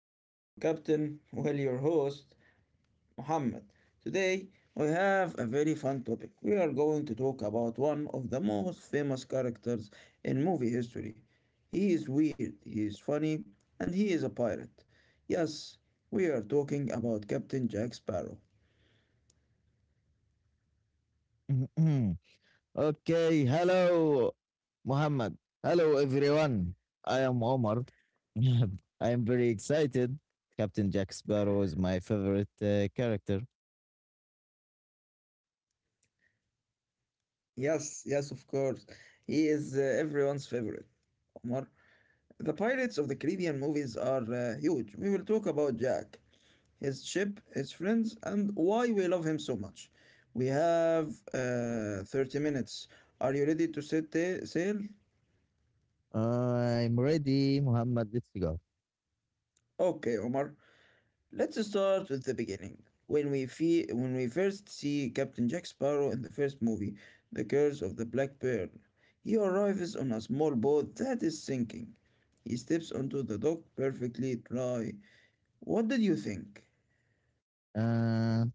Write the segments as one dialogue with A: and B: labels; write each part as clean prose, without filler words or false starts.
A: I am your captain, well, your host, Muhammad. Today, we have a very fun topic. We are going to talk about one of the most famous characters in movie history. He is weird, he is funny, and he is a pirate. Yes, we are talking about Captain Jack Sparrow.
B: Mhm. Okay, hello, Muhammad. Hello, everyone. I am Omar. I am very excited. Captain Jack Sparrow is my favorite character.
A: Yes, yes, of course. He is everyone's favorite. The pirates of the Caribbean movies are huge. We will talk about Jack, his ship, his friends, and why we love him so much. We have 30 minutes. Are you ready to set the sail?
B: I'm ready, Muhammad. Let's go.
A: Okay, Omar. Let's start with the beginning. When when we first see Captain Jack Sparrow in the first movie, The Curse of the Black Pearl, he arrives on a small boat that is sinking. He steps onto the dock perfectly dry. What did you think?
B: Uh,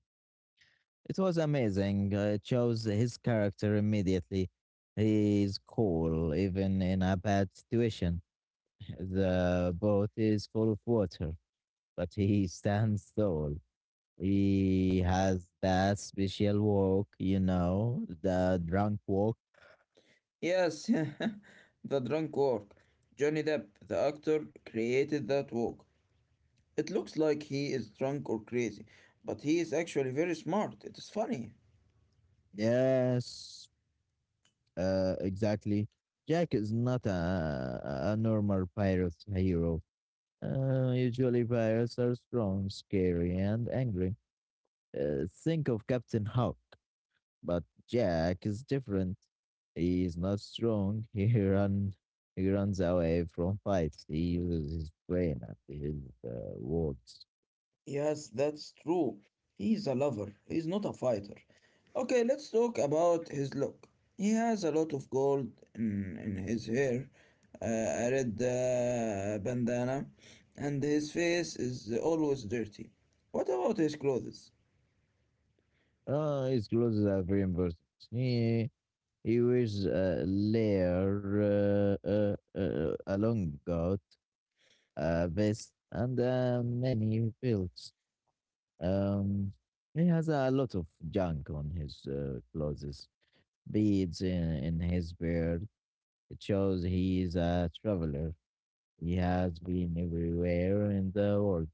B: it was amazing. I chose his character immediately. He is cool, even in a bad situation. The boat is full of water, but he stands tall. He has that special walk, you know, the drunk walk.
A: Yes, the drunk walk. Johnny Depp, the actor, created that walk. It looks like he is drunk or crazy, but he is actually very smart. It is funny.
B: Yes, exactly. Jack is not a normal pirate hero. Usually, pirates are strong, scary, and angry. Think of Captain Hawk, but Jack is different. He is not strong. He runs away from fights. He uses his brain and his words.
A: Yes, that's true. He is a lover, he is not a fighter. Okay, let's talk about his look. He has a lot of gold in his hair, a red bandana, and his face is always dirty. What about his clothes?
B: Ah, his clothes are very important. He, he wears a layer, a long coat, a vest, and many belts. Um, he has a lot of junk on his clothes, beads in his beard. It shows he is a traveler. He has been everywhere in the world.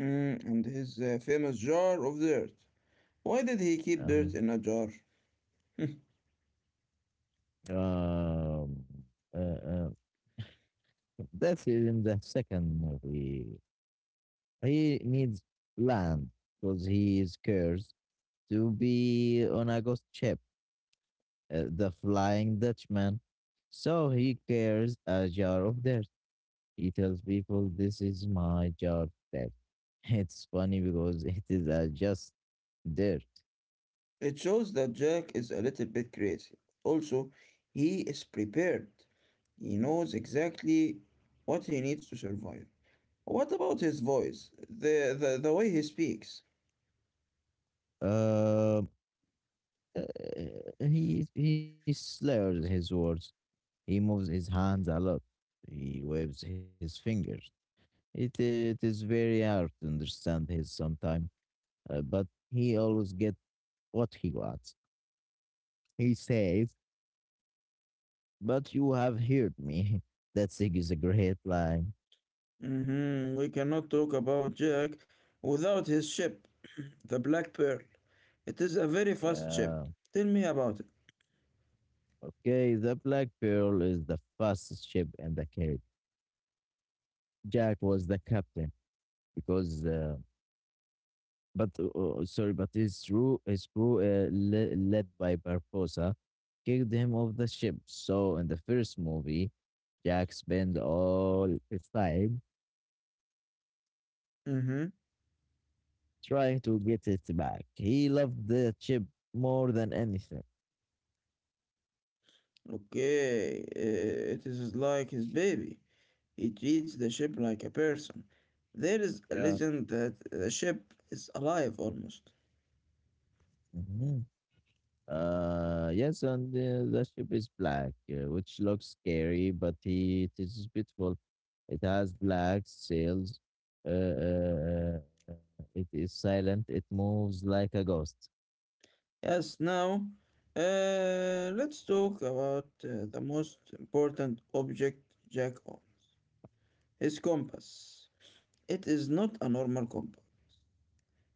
A: Mm, and his famous jar of dirt. Why did he keep dirt
B: Um,
A: in a jar? Hmm.
B: um, uh, uh, that's in the second movie. He needs land because he is cursed to be on a ghost ship, the Flying Dutchman. So he carries a jar of dirt. He tells people, "This is my jar of dirt." It's funny because it is just dirt.
A: It shows that Jack is a little bit crazy. Also, he is prepared. He knows exactly what he needs to survive. What about his voice? The way he speaks.
B: Um, uh, he slurs his words. He moves his hands a lot. He waves his fingers. It is very hard to understand his sometimes. But he always get what he wants. He says, "But you have heard me." That thing is a great line.
A: Hmm We cannot talk about Jack without his ship, the Black Pearl. It is a very fast ship.
B: Yeah.
A: Tell me about it.
B: Okay. The Black Pearl is the fastest ship in the Caribbean. Jack was the captain because, but sorry, but his crew, led by Barbosa, kicked him off the ship. So in the first movie, Jack spent all his time
A: Hmm
B: trying to get it back. He loved the chip more than anything.
A: Okay, it is like his baby. He treats the ship like a person. There is a
B: Yeah.
A: legend that the ship is alive almost.
B: Mhm. Yes, and the ship is black, which looks scary, but he, it is beautiful. It has black sails. Uh, uh, uh, it is silent. It moves like a ghost.
A: Yes, now let's talk about the most important object Jack owns, his compass. It is not a normal compass.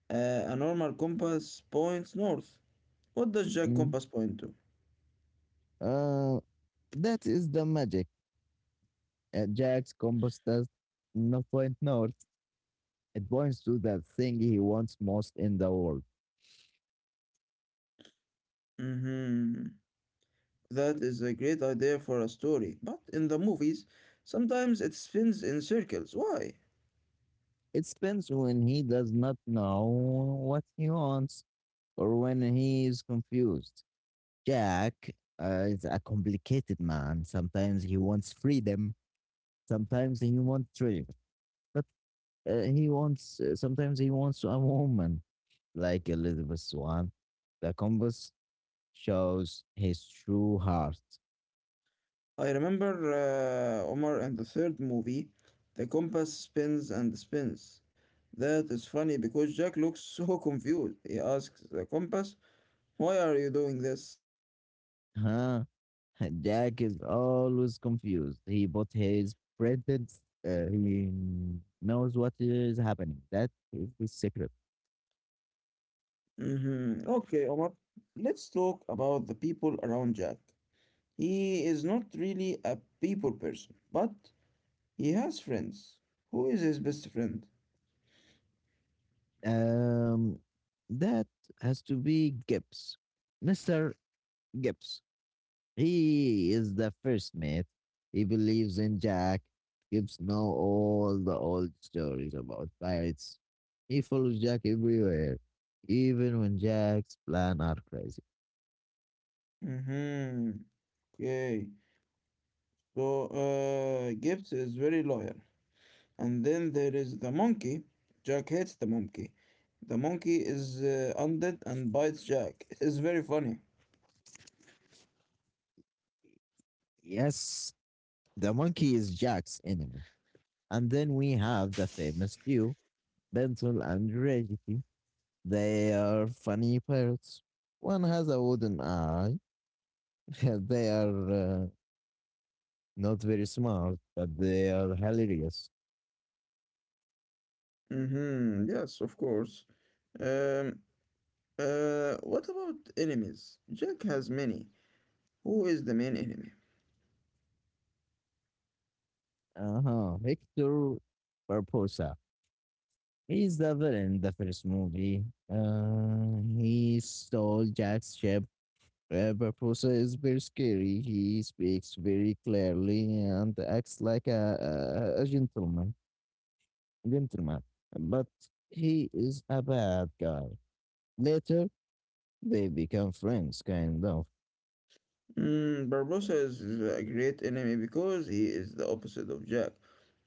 A: A normal compass points north. What does Jack
B: Mm.
A: compass point to?
B: Uh, that is the magic. Jack's compass does not point north. It points to the thing he wants most in the world.
A: Mm-hmm. That is a great idea for a story, but in the movies, sometimes it spins in circles. Why?
B: It depends when he does not know what he wants or when he is confused. Jack is a complicated man. Sometimes he wants freedom, sometimes he wants treasure, but he wants sometimes he wants a woman like Elizabeth Swan. The compass shows his true heart.
A: I remember Omar and the third movie, the compass spins and spins. That is funny because Jack looks so confused. He asks the compass, why are you doing this?
B: Huh? Jack is always confused. He bought his printed. He knows what is happening. That is the secret.
A: Hmm Okay, Omar, let's talk about the people around Jack. He is not really a people person, but he has friends. Who is his best friend?
B: Um, that has to be Gibbs, Mister Gibbs. He is the first mate. He believes in Jack. Gibbs know all the old stories about pirates. He follows Jack everywhere, even when Jack's plan are crazy.
A: Mm-hmm. Okay. So, Gibbs is very loyal. And then there is the monkey. Jack hates the monkey. The monkey is undead and bites Jack. It is very funny.
B: Yes, the monkey is Jack's enemy. And then we have the famous duo, Bentul and Reggie. They are funny pirates. One has a wooden eye. They are not very smart, but they are hilarious.
A: Mm-hmm. Yes, of course. Um, what about enemies? Jack has many. Who is the main enemy?
B: Uh-huh. Victor Barbosa. He's the villain in the first movie. He stole Jack's ship. Barbosa is very scary. He speaks very clearly and acts like a gentleman. Gentleman, but he is a bad guy. Later, they become friends, kind of.
A: Mm, Barbosa is a great enemy because he is the opposite of Jack.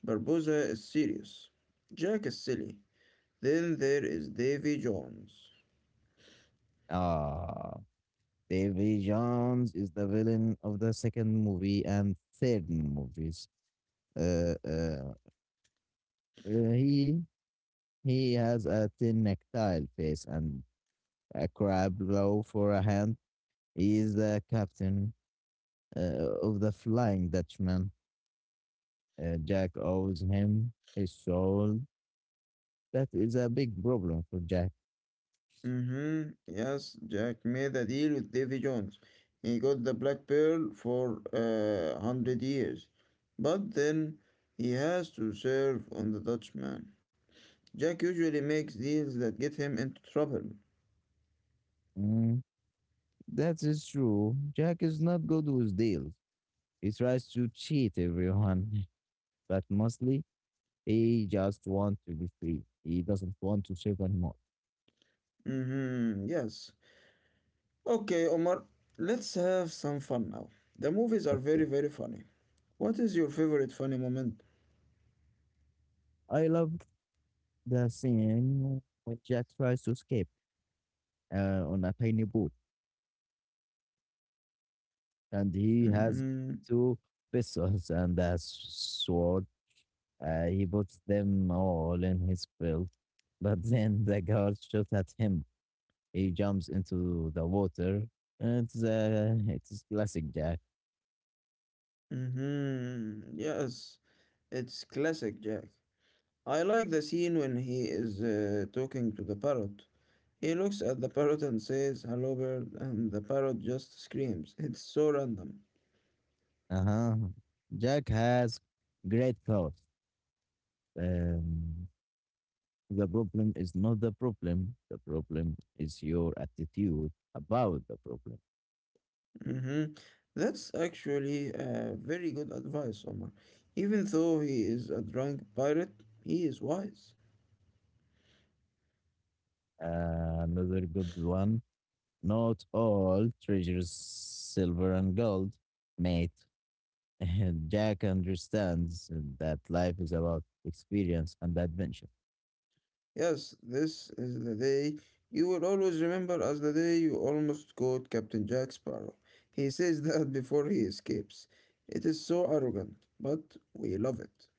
A: Barbosa is serious. Jack is silly. Then there is Davy Jones.
B: Ah, Davy Jones is the villain of the second movie and third movies. Uh, uh, he he has a thin necktie face and a crab claw for a hand. He is the captain of the Flying Dutchman. Jack owes him his soul. That is a big problem for Jack.
A: Mm-hmm. Yes, Jack made a deal with Davy Jones. He got the Black Pearl for a hundred years. But then he has to serve on the Dutchman. Jack usually makes deals that get him into trouble.
B: Mm. That is true. Jack is not good with deals. He tries to cheat everyone, but mostly he just wants to be free. He doesn't want to serve anymore.
A: Mm-hmm. Yes. Okay, Omar, let's have some fun now. The movies are very,
B: Okay.
A: very funny. What is your favorite funny moment?
B: I love the scene when Jack tries to escape on a tiny boat and he has
A: Mm-hmm.
B: two pistols and sword. He puts them all in his belt, but then the guard shoots at him. He jumps into the water. It's classic Jack.
A: Mm-hmm. Yes. It's classic Jack. I like the scene when he is talking to the parrot. He looks at the parrot and says, hello, bird, and the parrot just screams. It's so random.
B: Uh huh. Jack has great thoughts. Um, the problem is not the problem. The problem is your attitude about the problem.
A: Hmm That's actually a very good advice, Omar. Even though he is a drunk pirate, he is wise.
B: Another good one. Not all treasures silver and gold, mate. Jack understands that life is about experience and adventure.
A: Yes, this is the day you will always remember as the day you almost caught Captain Jack Sparrow. He says that before he escapes. It is so arrogant, but we love it.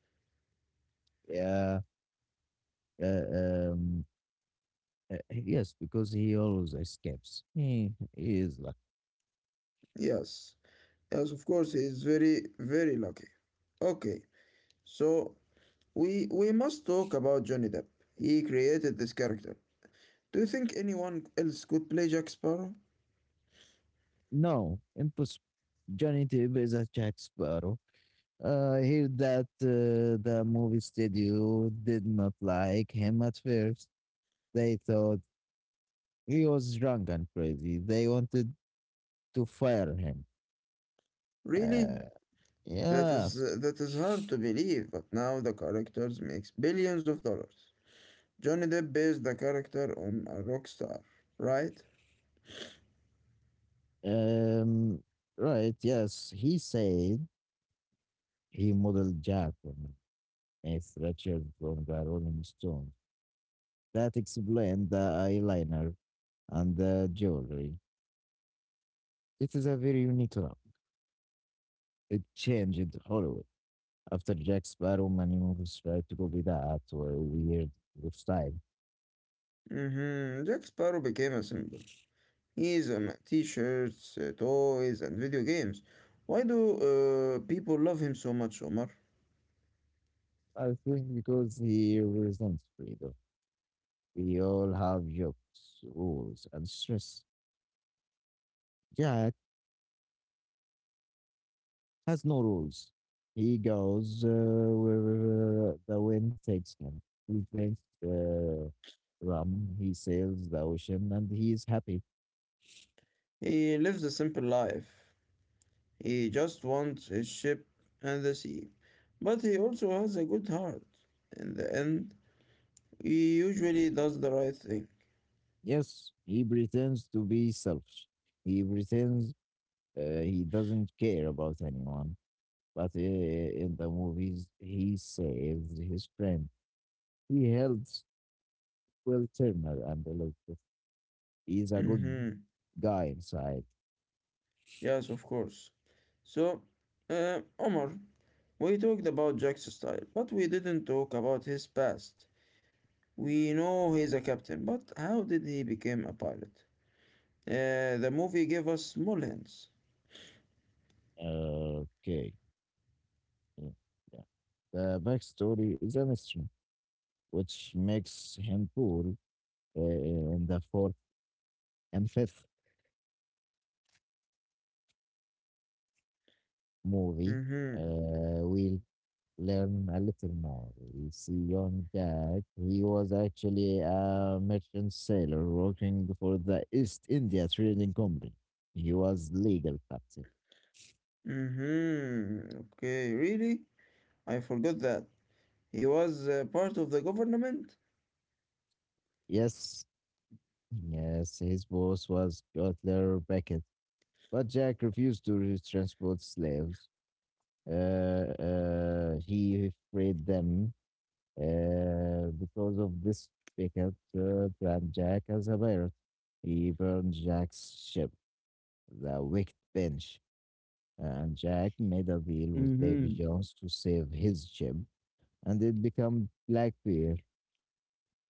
B: Yeah. Uh, um, yes, because he always escapes. He is like,
A: Yes. Yes, of course, he is very, very lucky. Okay, so we must talk about Johnny Depp. He created this character. Do you think anyone else could play Jack Sparrow?
B: no, impossible. Johnny Depp is a Jack Sparrow. I hear that the movie studio did not like him at first. They thought he was drunk and crazy. They wanted to fire him.
A: Really?
B: Uh,
A: That is
B: yes.
A: hard to believe, but now the character makes billions of dollars. Johnny Depp based the character on a rock star, right?
B: Um, right. Yes. He said he modeled Jack on Keith Richards from the Rolling Stones. That explained the eyeliner and the jewelry. It is a very unique love. It changed Hollywood. After Jack Sparrow, many movies tried to copy that or weird style.
A: Mm-hmm. Jack Sparrow became a symbol. He is on t-shirts, toys, and video games. Why do people love him so much, Omar?
B: I think because he resents freedom. We all have jobs, rules, and stress. Jack has no rules. He goes where the wind takes him. He drinks rum, he sails the ocean, and he is happy.
A: He lives a simple life. He just wants his ship and the sea. But he also has a good heart. In the end, he usually does the right thing.
B: Yes, he pretends to be selfish. He pretends he doesn't care about anyone. But in the movies, he saves his friend. He helps Will Turner and Elizabeth. He's a good
A: Hmm
B: guy inside.
A: Yes, of course. So, Omar, we talked about Jack's style, but we didn't talk about his past. We know he's a captain, but how did he become a pilot? The movie gave us small hints.
B: Okay. Yeah. Yeah. The backstory is a mystery, which makes him cool in the fourth and fifth movie.
A: Mm-hmm.
B: Will learn a little more. You see, young Jack, he was actually a merchant sailor working for the East India Trading Company. He was legal captain.
A: Mm-hmm. Okay, really? I forgot that. He was part of the government?
B: Yes, yes, his boss was Cutler Beckett, but Jack refused to re- transport slaves. He freed them because of this, Beckett brand Jack as a pirate. He burned Jack's ship, the Wicked Bench.
A: Mm-hmm.
B: Jack made a deal with Davy Jones to save his ship, and it became Blackbeard.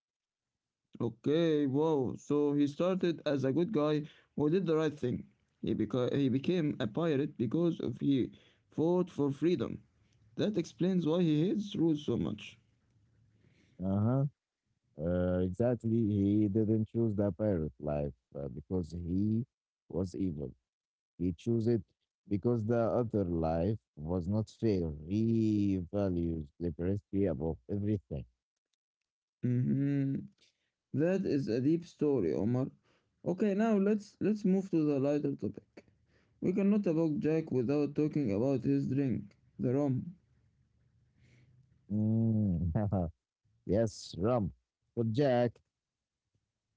A: Okay, wow. So he started as a good guy who did the right thing. He became a pirate because of he fought for freedom. That explains why he hates rules so much.
B: Uh-huh. Exactly. He didn't choose the pirate life because he was evil. He chose it because the other life was not fair. He values liberty above everything.
A: Mm-hmm. That is a deep story, Omar. Okay, now let's move to the lighter topic. We cannot talk Jack without talking about his drink, the rum.
B: Mm. Yes, Rump. But Jack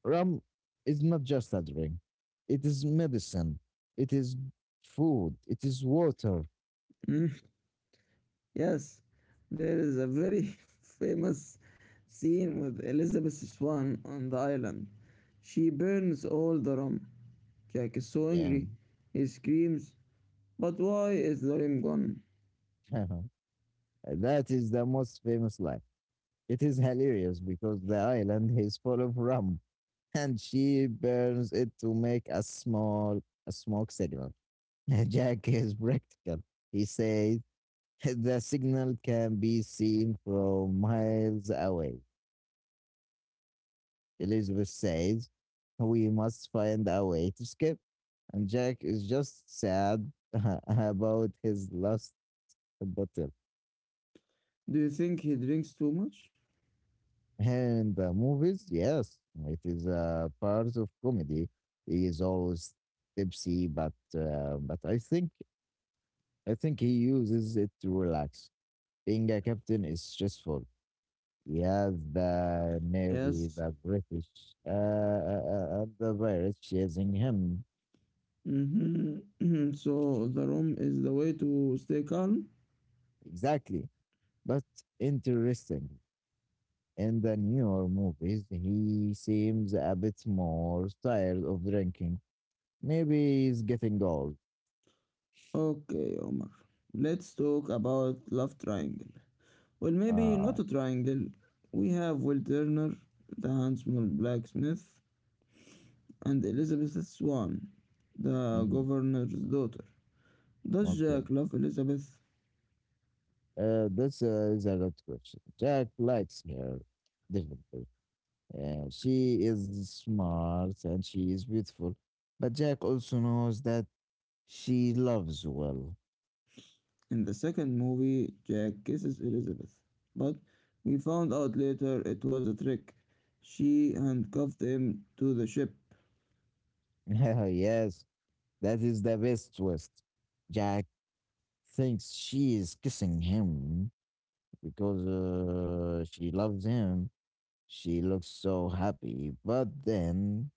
B: Rum is not just a drink. It is medicine. It is food. It is water.
A: Yes, there is a very famous scene with Elizabeth Swan on the island. She burns all the rum. Jack is so
B: Yeah.
A: angry. He screams, but why is the rum gone?
B: That is the most famous line. It is hilarious because the island is full of rum and she burns it to make a smoke signal. Jack is practical. He says the signal can be seen from miles away. Elizabeth says. We must find a way to skip. And Jack is just sad about his lost bottle.
A: Do you think he drinks too much?
B: And the movies, yes, it is a part of comedy. He is always tipsy, but I think he uses it to relax. Being a captain is stressful. He has the navy,
A: Yes.
B: the British, and the pirates chasing him.
A: hmm So the rum is the way to stay calm?
B: Exactly. But interesting, in the newer movies, he seems a bit more tired of drinking. Maybe he's getting old.
A: Okay, Omar. Let's talk about love triangle. Well, maybe
B: Ah,
A: not a triangle. We have Will Turner, the handsome blacksmith, and Elizabeth Swann, the
B: mm,
A: governor's daughter. Does
B: okay.
A: Jack love Elizabeth?
B: That's Is a good question. Jack likes her differently. She is smart and she is beautiful, but Jack also knows that she loves well.
A: In the second movie, Jack kisses Elizabeth, but we found out later it was a trick. She handcuffed him to the ship.
B: Yes, that is the best twist. Jack thinks she is kissing him because she loves him. She looks so happy, but then,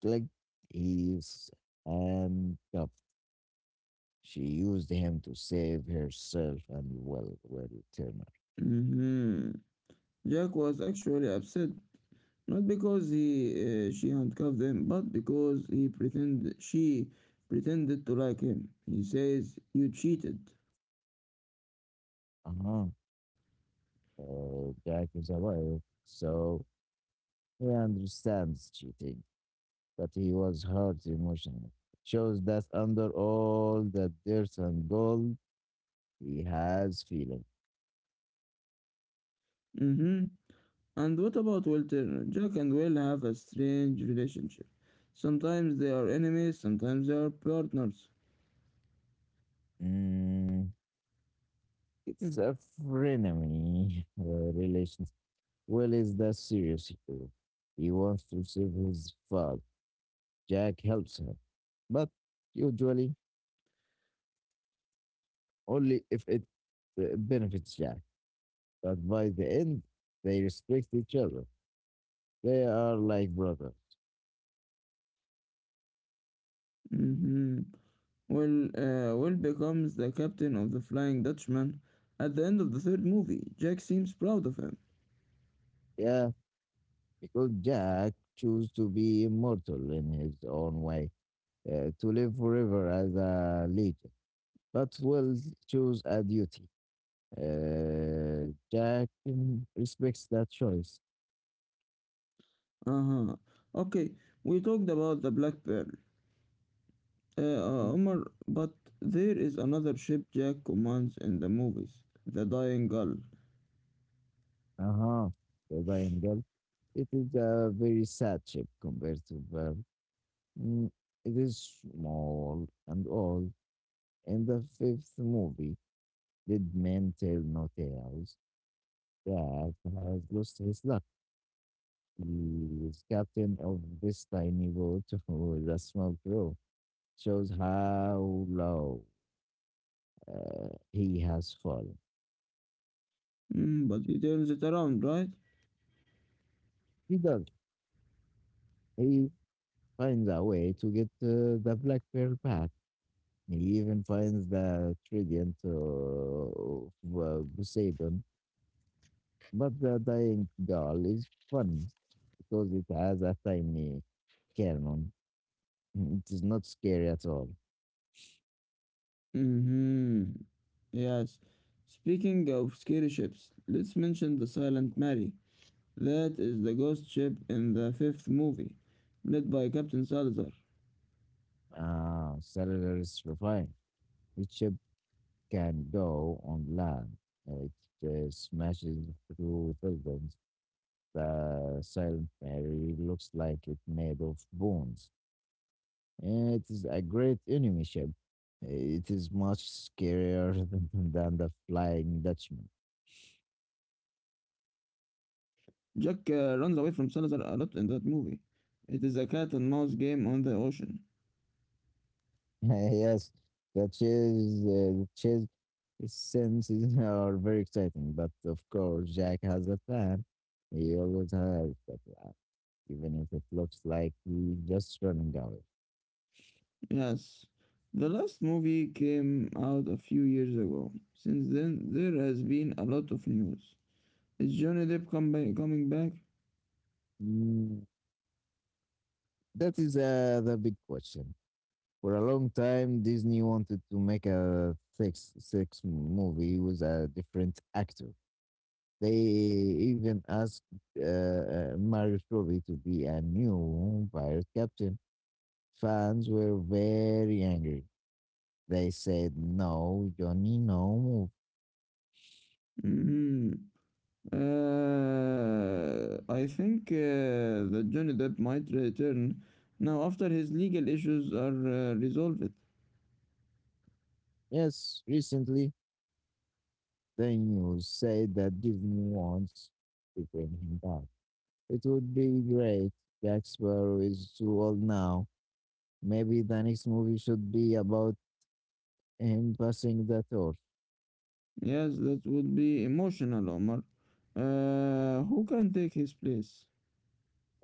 B: click, he's handcuffed. She used him to save herself and Turner.
A: Mhm. Jack was actually upset, not because he she handcuffed him, but because he pretended she pretended to like him. He says, "You cheated."
B: Uh-huh. Jack is aware, so he understands cheating, but he was hurt emotionally. Shows that under all the dirt and gold, he has feeling.
A: Mhm. And what about Walter? Jack and Will have a strange relationship. Sometimes they are enemies, sometimes they are partners.
B: Mm, it's a frenemy relations. Will is the serious hero. He wants to save his father. Jack helps him, but usually only if it benefits Jack. But by the end, they respect each other. They are like brothers.
A: Mm-hmm. Well, Will becomes the captain of the Flying Dutchman at the end of the third movie. Jack seems proud of him.
B: Yeah, because Jack chose to be immortal in his own way, to live forever as a legend. But Will chose a duty. Jack respects that choice.
A: Uh huh. Okay, we talked about the Black Pearl,
B: Uh
A: Omar, but there is another ship Jack commands in the movies, the Dying Gull.
B: huh. Said Engel. It is a very sad ship compared to Pearl. Mm, it is small and old. In the fifth movie, did men tell no tales? Jack has lost his luck. He is captain of this tiny boat with a small crew. Shows how low he has fallen.
A: Mm, but he turns it around, right?
B: He does. He finds a way to get the black pearl back. He even finds the trident of Poseidon, but the dying doll is fun because it has a tiny cannon. It is not scary at all.
A: Mm hmm. Yes. Speaking of scary ships, let's mention the Silent Mary. That is the ghost ship in the fifth movie, led by Captain Salazar.
B: Ah, cellular is refined. Each ship can go on land. It smashes through buildings. The Silent Mary looks like it made of bones. Yeah, it is a great enemy ship. It is much scarier than the Flying Dutchman.
A: Jack runs away from Salazar a lot in that movie. It is a cat and mouse game on the ocean.
B: Yes, the chase senses are very exciting, but of course, Jack has a plan. He always has a plan, even if it looks like he's just running away.
A: Yes. The last movie came out a few years ago. Since then, there has been a lot of news. Is Johnny Depp come coming back?
B: Mm, that is the big question. For a long time, Disney wanted to make a six movie with a different actor. They even asked Mario Strobel to be a new pirate captain. Fans were very angry. They said, no, Johnny, no move.
A: Hmm I think that Johnny Depp might return now after his legal issues are resolved.
B: Yes, recently, the news said that Disney wants to bring him back. It would be great. Jack Sparrow is too old now. Maybe the next movie should be about him passing the torch.
A: Yes, that would be emotional, Omar. Who can take his place?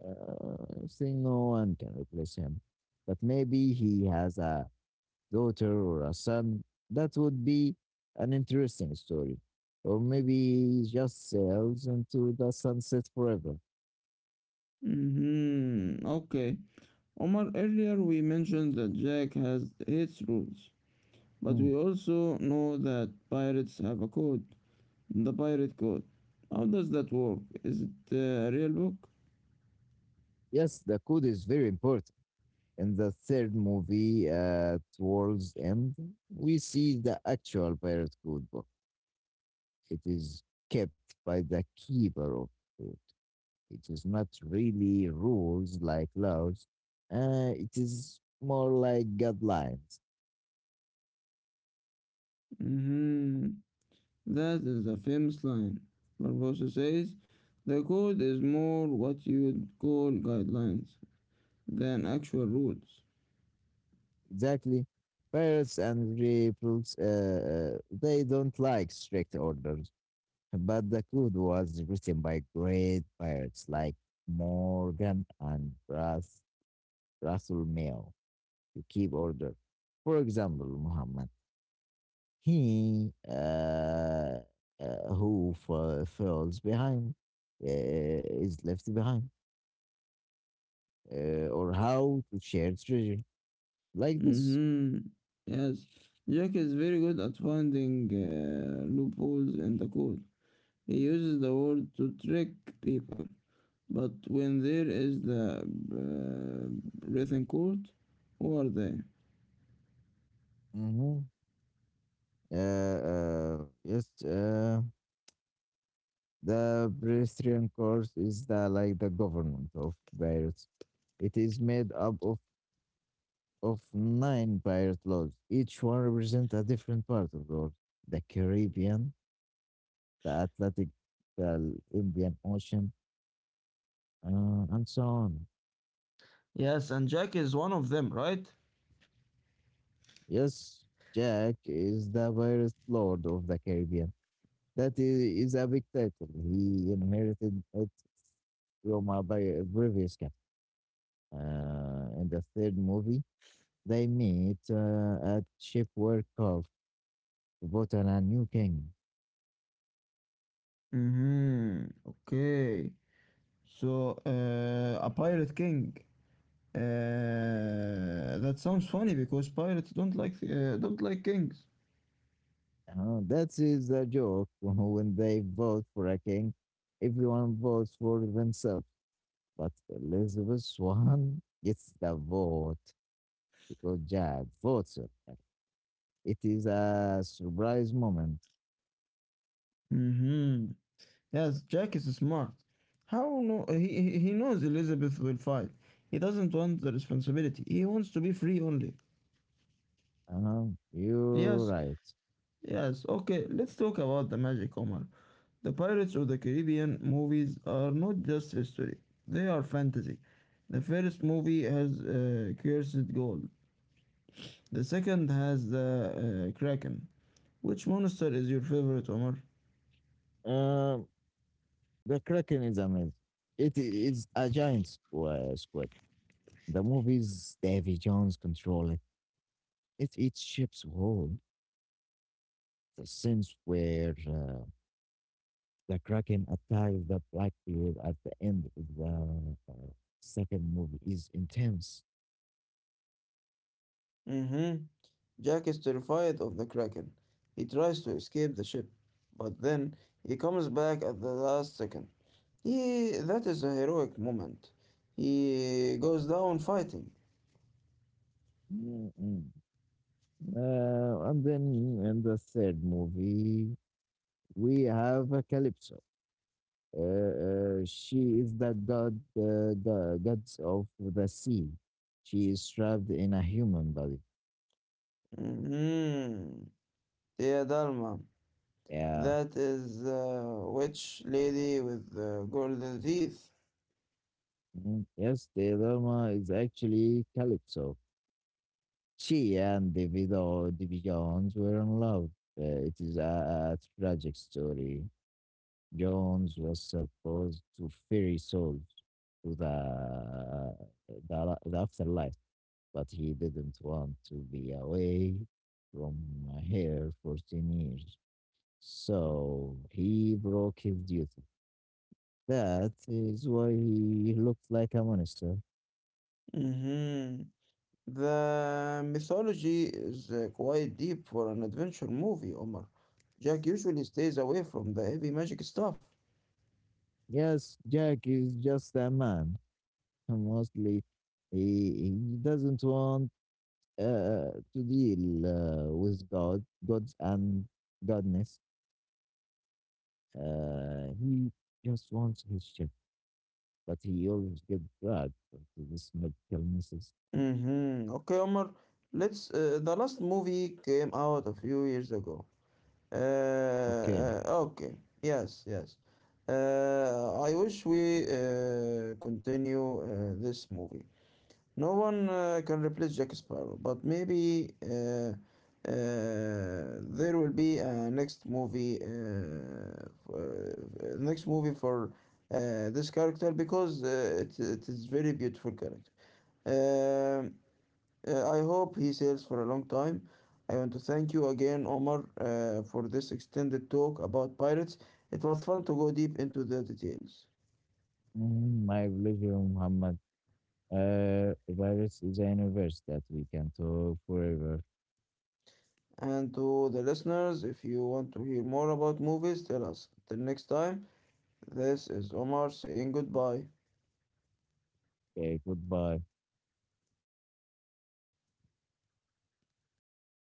B: I think no one can replace him, but maybe he has a daughter or a son. That would be an interesting story. Or maybe he just sails into the sunset forever.
A: Mm-hmm. Okay. Omar, earlier we mentioned that Jack has its rules, but
B: Mm.
A: we also know that pirates have a code, the pirate code. How does that work? Is it a real book?
B: Yes, the code is very important. In the third movie, Towards End, we see the actual pirate code book. It is kept by the keeper of it. It is not really rules like laws. It is more like guidelines.
A: Mm-hmm. That is the famous line. Barbosa says, the code is more what you'd call guidelines than actual rules.
B: Exactly. Parrots and rebels, they don't like strict orders, but the code was written by great pirates like Morgan and Russell Mayo to keep order. For example, Muhammad, he, who falls behind, uh, is left behind, or how to share treasure like this.
A: Mm-hmm. Yes, Jack is very good at finding loopholes in the code. He uses the word to trick people. But when there is the breathing court, who are they?
B: Hmm. Uh, yes. The Presbyterian court is the like the government of Beirut. It is made up of nine Beirut laws. Each one represents a different part of the world. The Caribbean, the Atlantic, the Indian Ocean, and so on.
A: Yes, and Jack is one of them, right?
B: Yes, Jack is the Beirut Lord of the Caribbean. That is, a big title. He inherited it from a previous captain. In the third movie, they meet at shipwreck of vote on a new king.
A: Mm-hmm. Okay. So, a pirate king. That sounds funny because pirates don't like kings.
B: That is a joke. When they vote for a king, everyone votes for themselves. But Elizabeth Swan gets the vote because Jack votes her. It is a surprise moment.
A: Mm-hmm. Yes, Jack is smart. How no? He knows Elizabeth will fight. He doesn't want the responsibility. He wants to be free only.
B: Uh, you're
A: Yes,
B: right.
A: yes, okay, let's talk about the magic, Omar. The Pirates of the Caribbean movies are not just history, they are fantasy. The first movie has cursed gold, the second has the Kraken. Which monster is your favorite, Omar?
B: Um, the Kraken is amazing. It is a giant squid. The movie's Davy Jones control it. It shapes whole the sense where the Kraken attacks the Blackbeard at the end of the second movie is intense.
A: Mm-hmm. Jack is terrified of the Kraken. He tries to escape the ship, but then he comes back at the last second. He, that is a heroic moment. He goes down fighting.
B: Mm, mm. And then in the third movie, we have Calypso. She is the gods of the sea. She is trapped in a human body.
A: Mhm. Dear Dharma,
B: Yeah.
A: that is the witch lady with the golden teeth.
B: Mhm. Yes, the Dharma is actually Calypso. She and Davido Davy Jones were in love. It is a tragic story. Jones was supposed to ferry souls to the afterlife, but he didn't want to be away from her for 10 years. So he broke his duty. That is why he looked like a monster.
A: Hmm The mythology is quite deep for an adventure movie, Omar. Jack usually stays away from the heavy magic stuff.
B: Yes, Jack is just a man. Mostly he doesn't want, to deal, with God, gods and godness. He just wants his ship, but he always gets dragged into this medical messes.
A: Hmm Okay, Omar, let's. The last movie came out a few years ago.
B: Okay,
A: Okay. Yes, yes. I wish we continue this movie. No one can replace Jack Sparrow, but maybe there will be a next movie, next movie for this character because it is very beautiful character. Um I hope he sails for a long time. I want to thank you again, Omar, for this extended talk about pirates. It was fun to go deep into the details.
B: my religion, Muhammad. Virus is a universe that we can talk forever.
A: And to the listeners, if you want to hear more about movies, tell us. Till next time, this is Omar saying goodbye.
B: Okay, goodbye.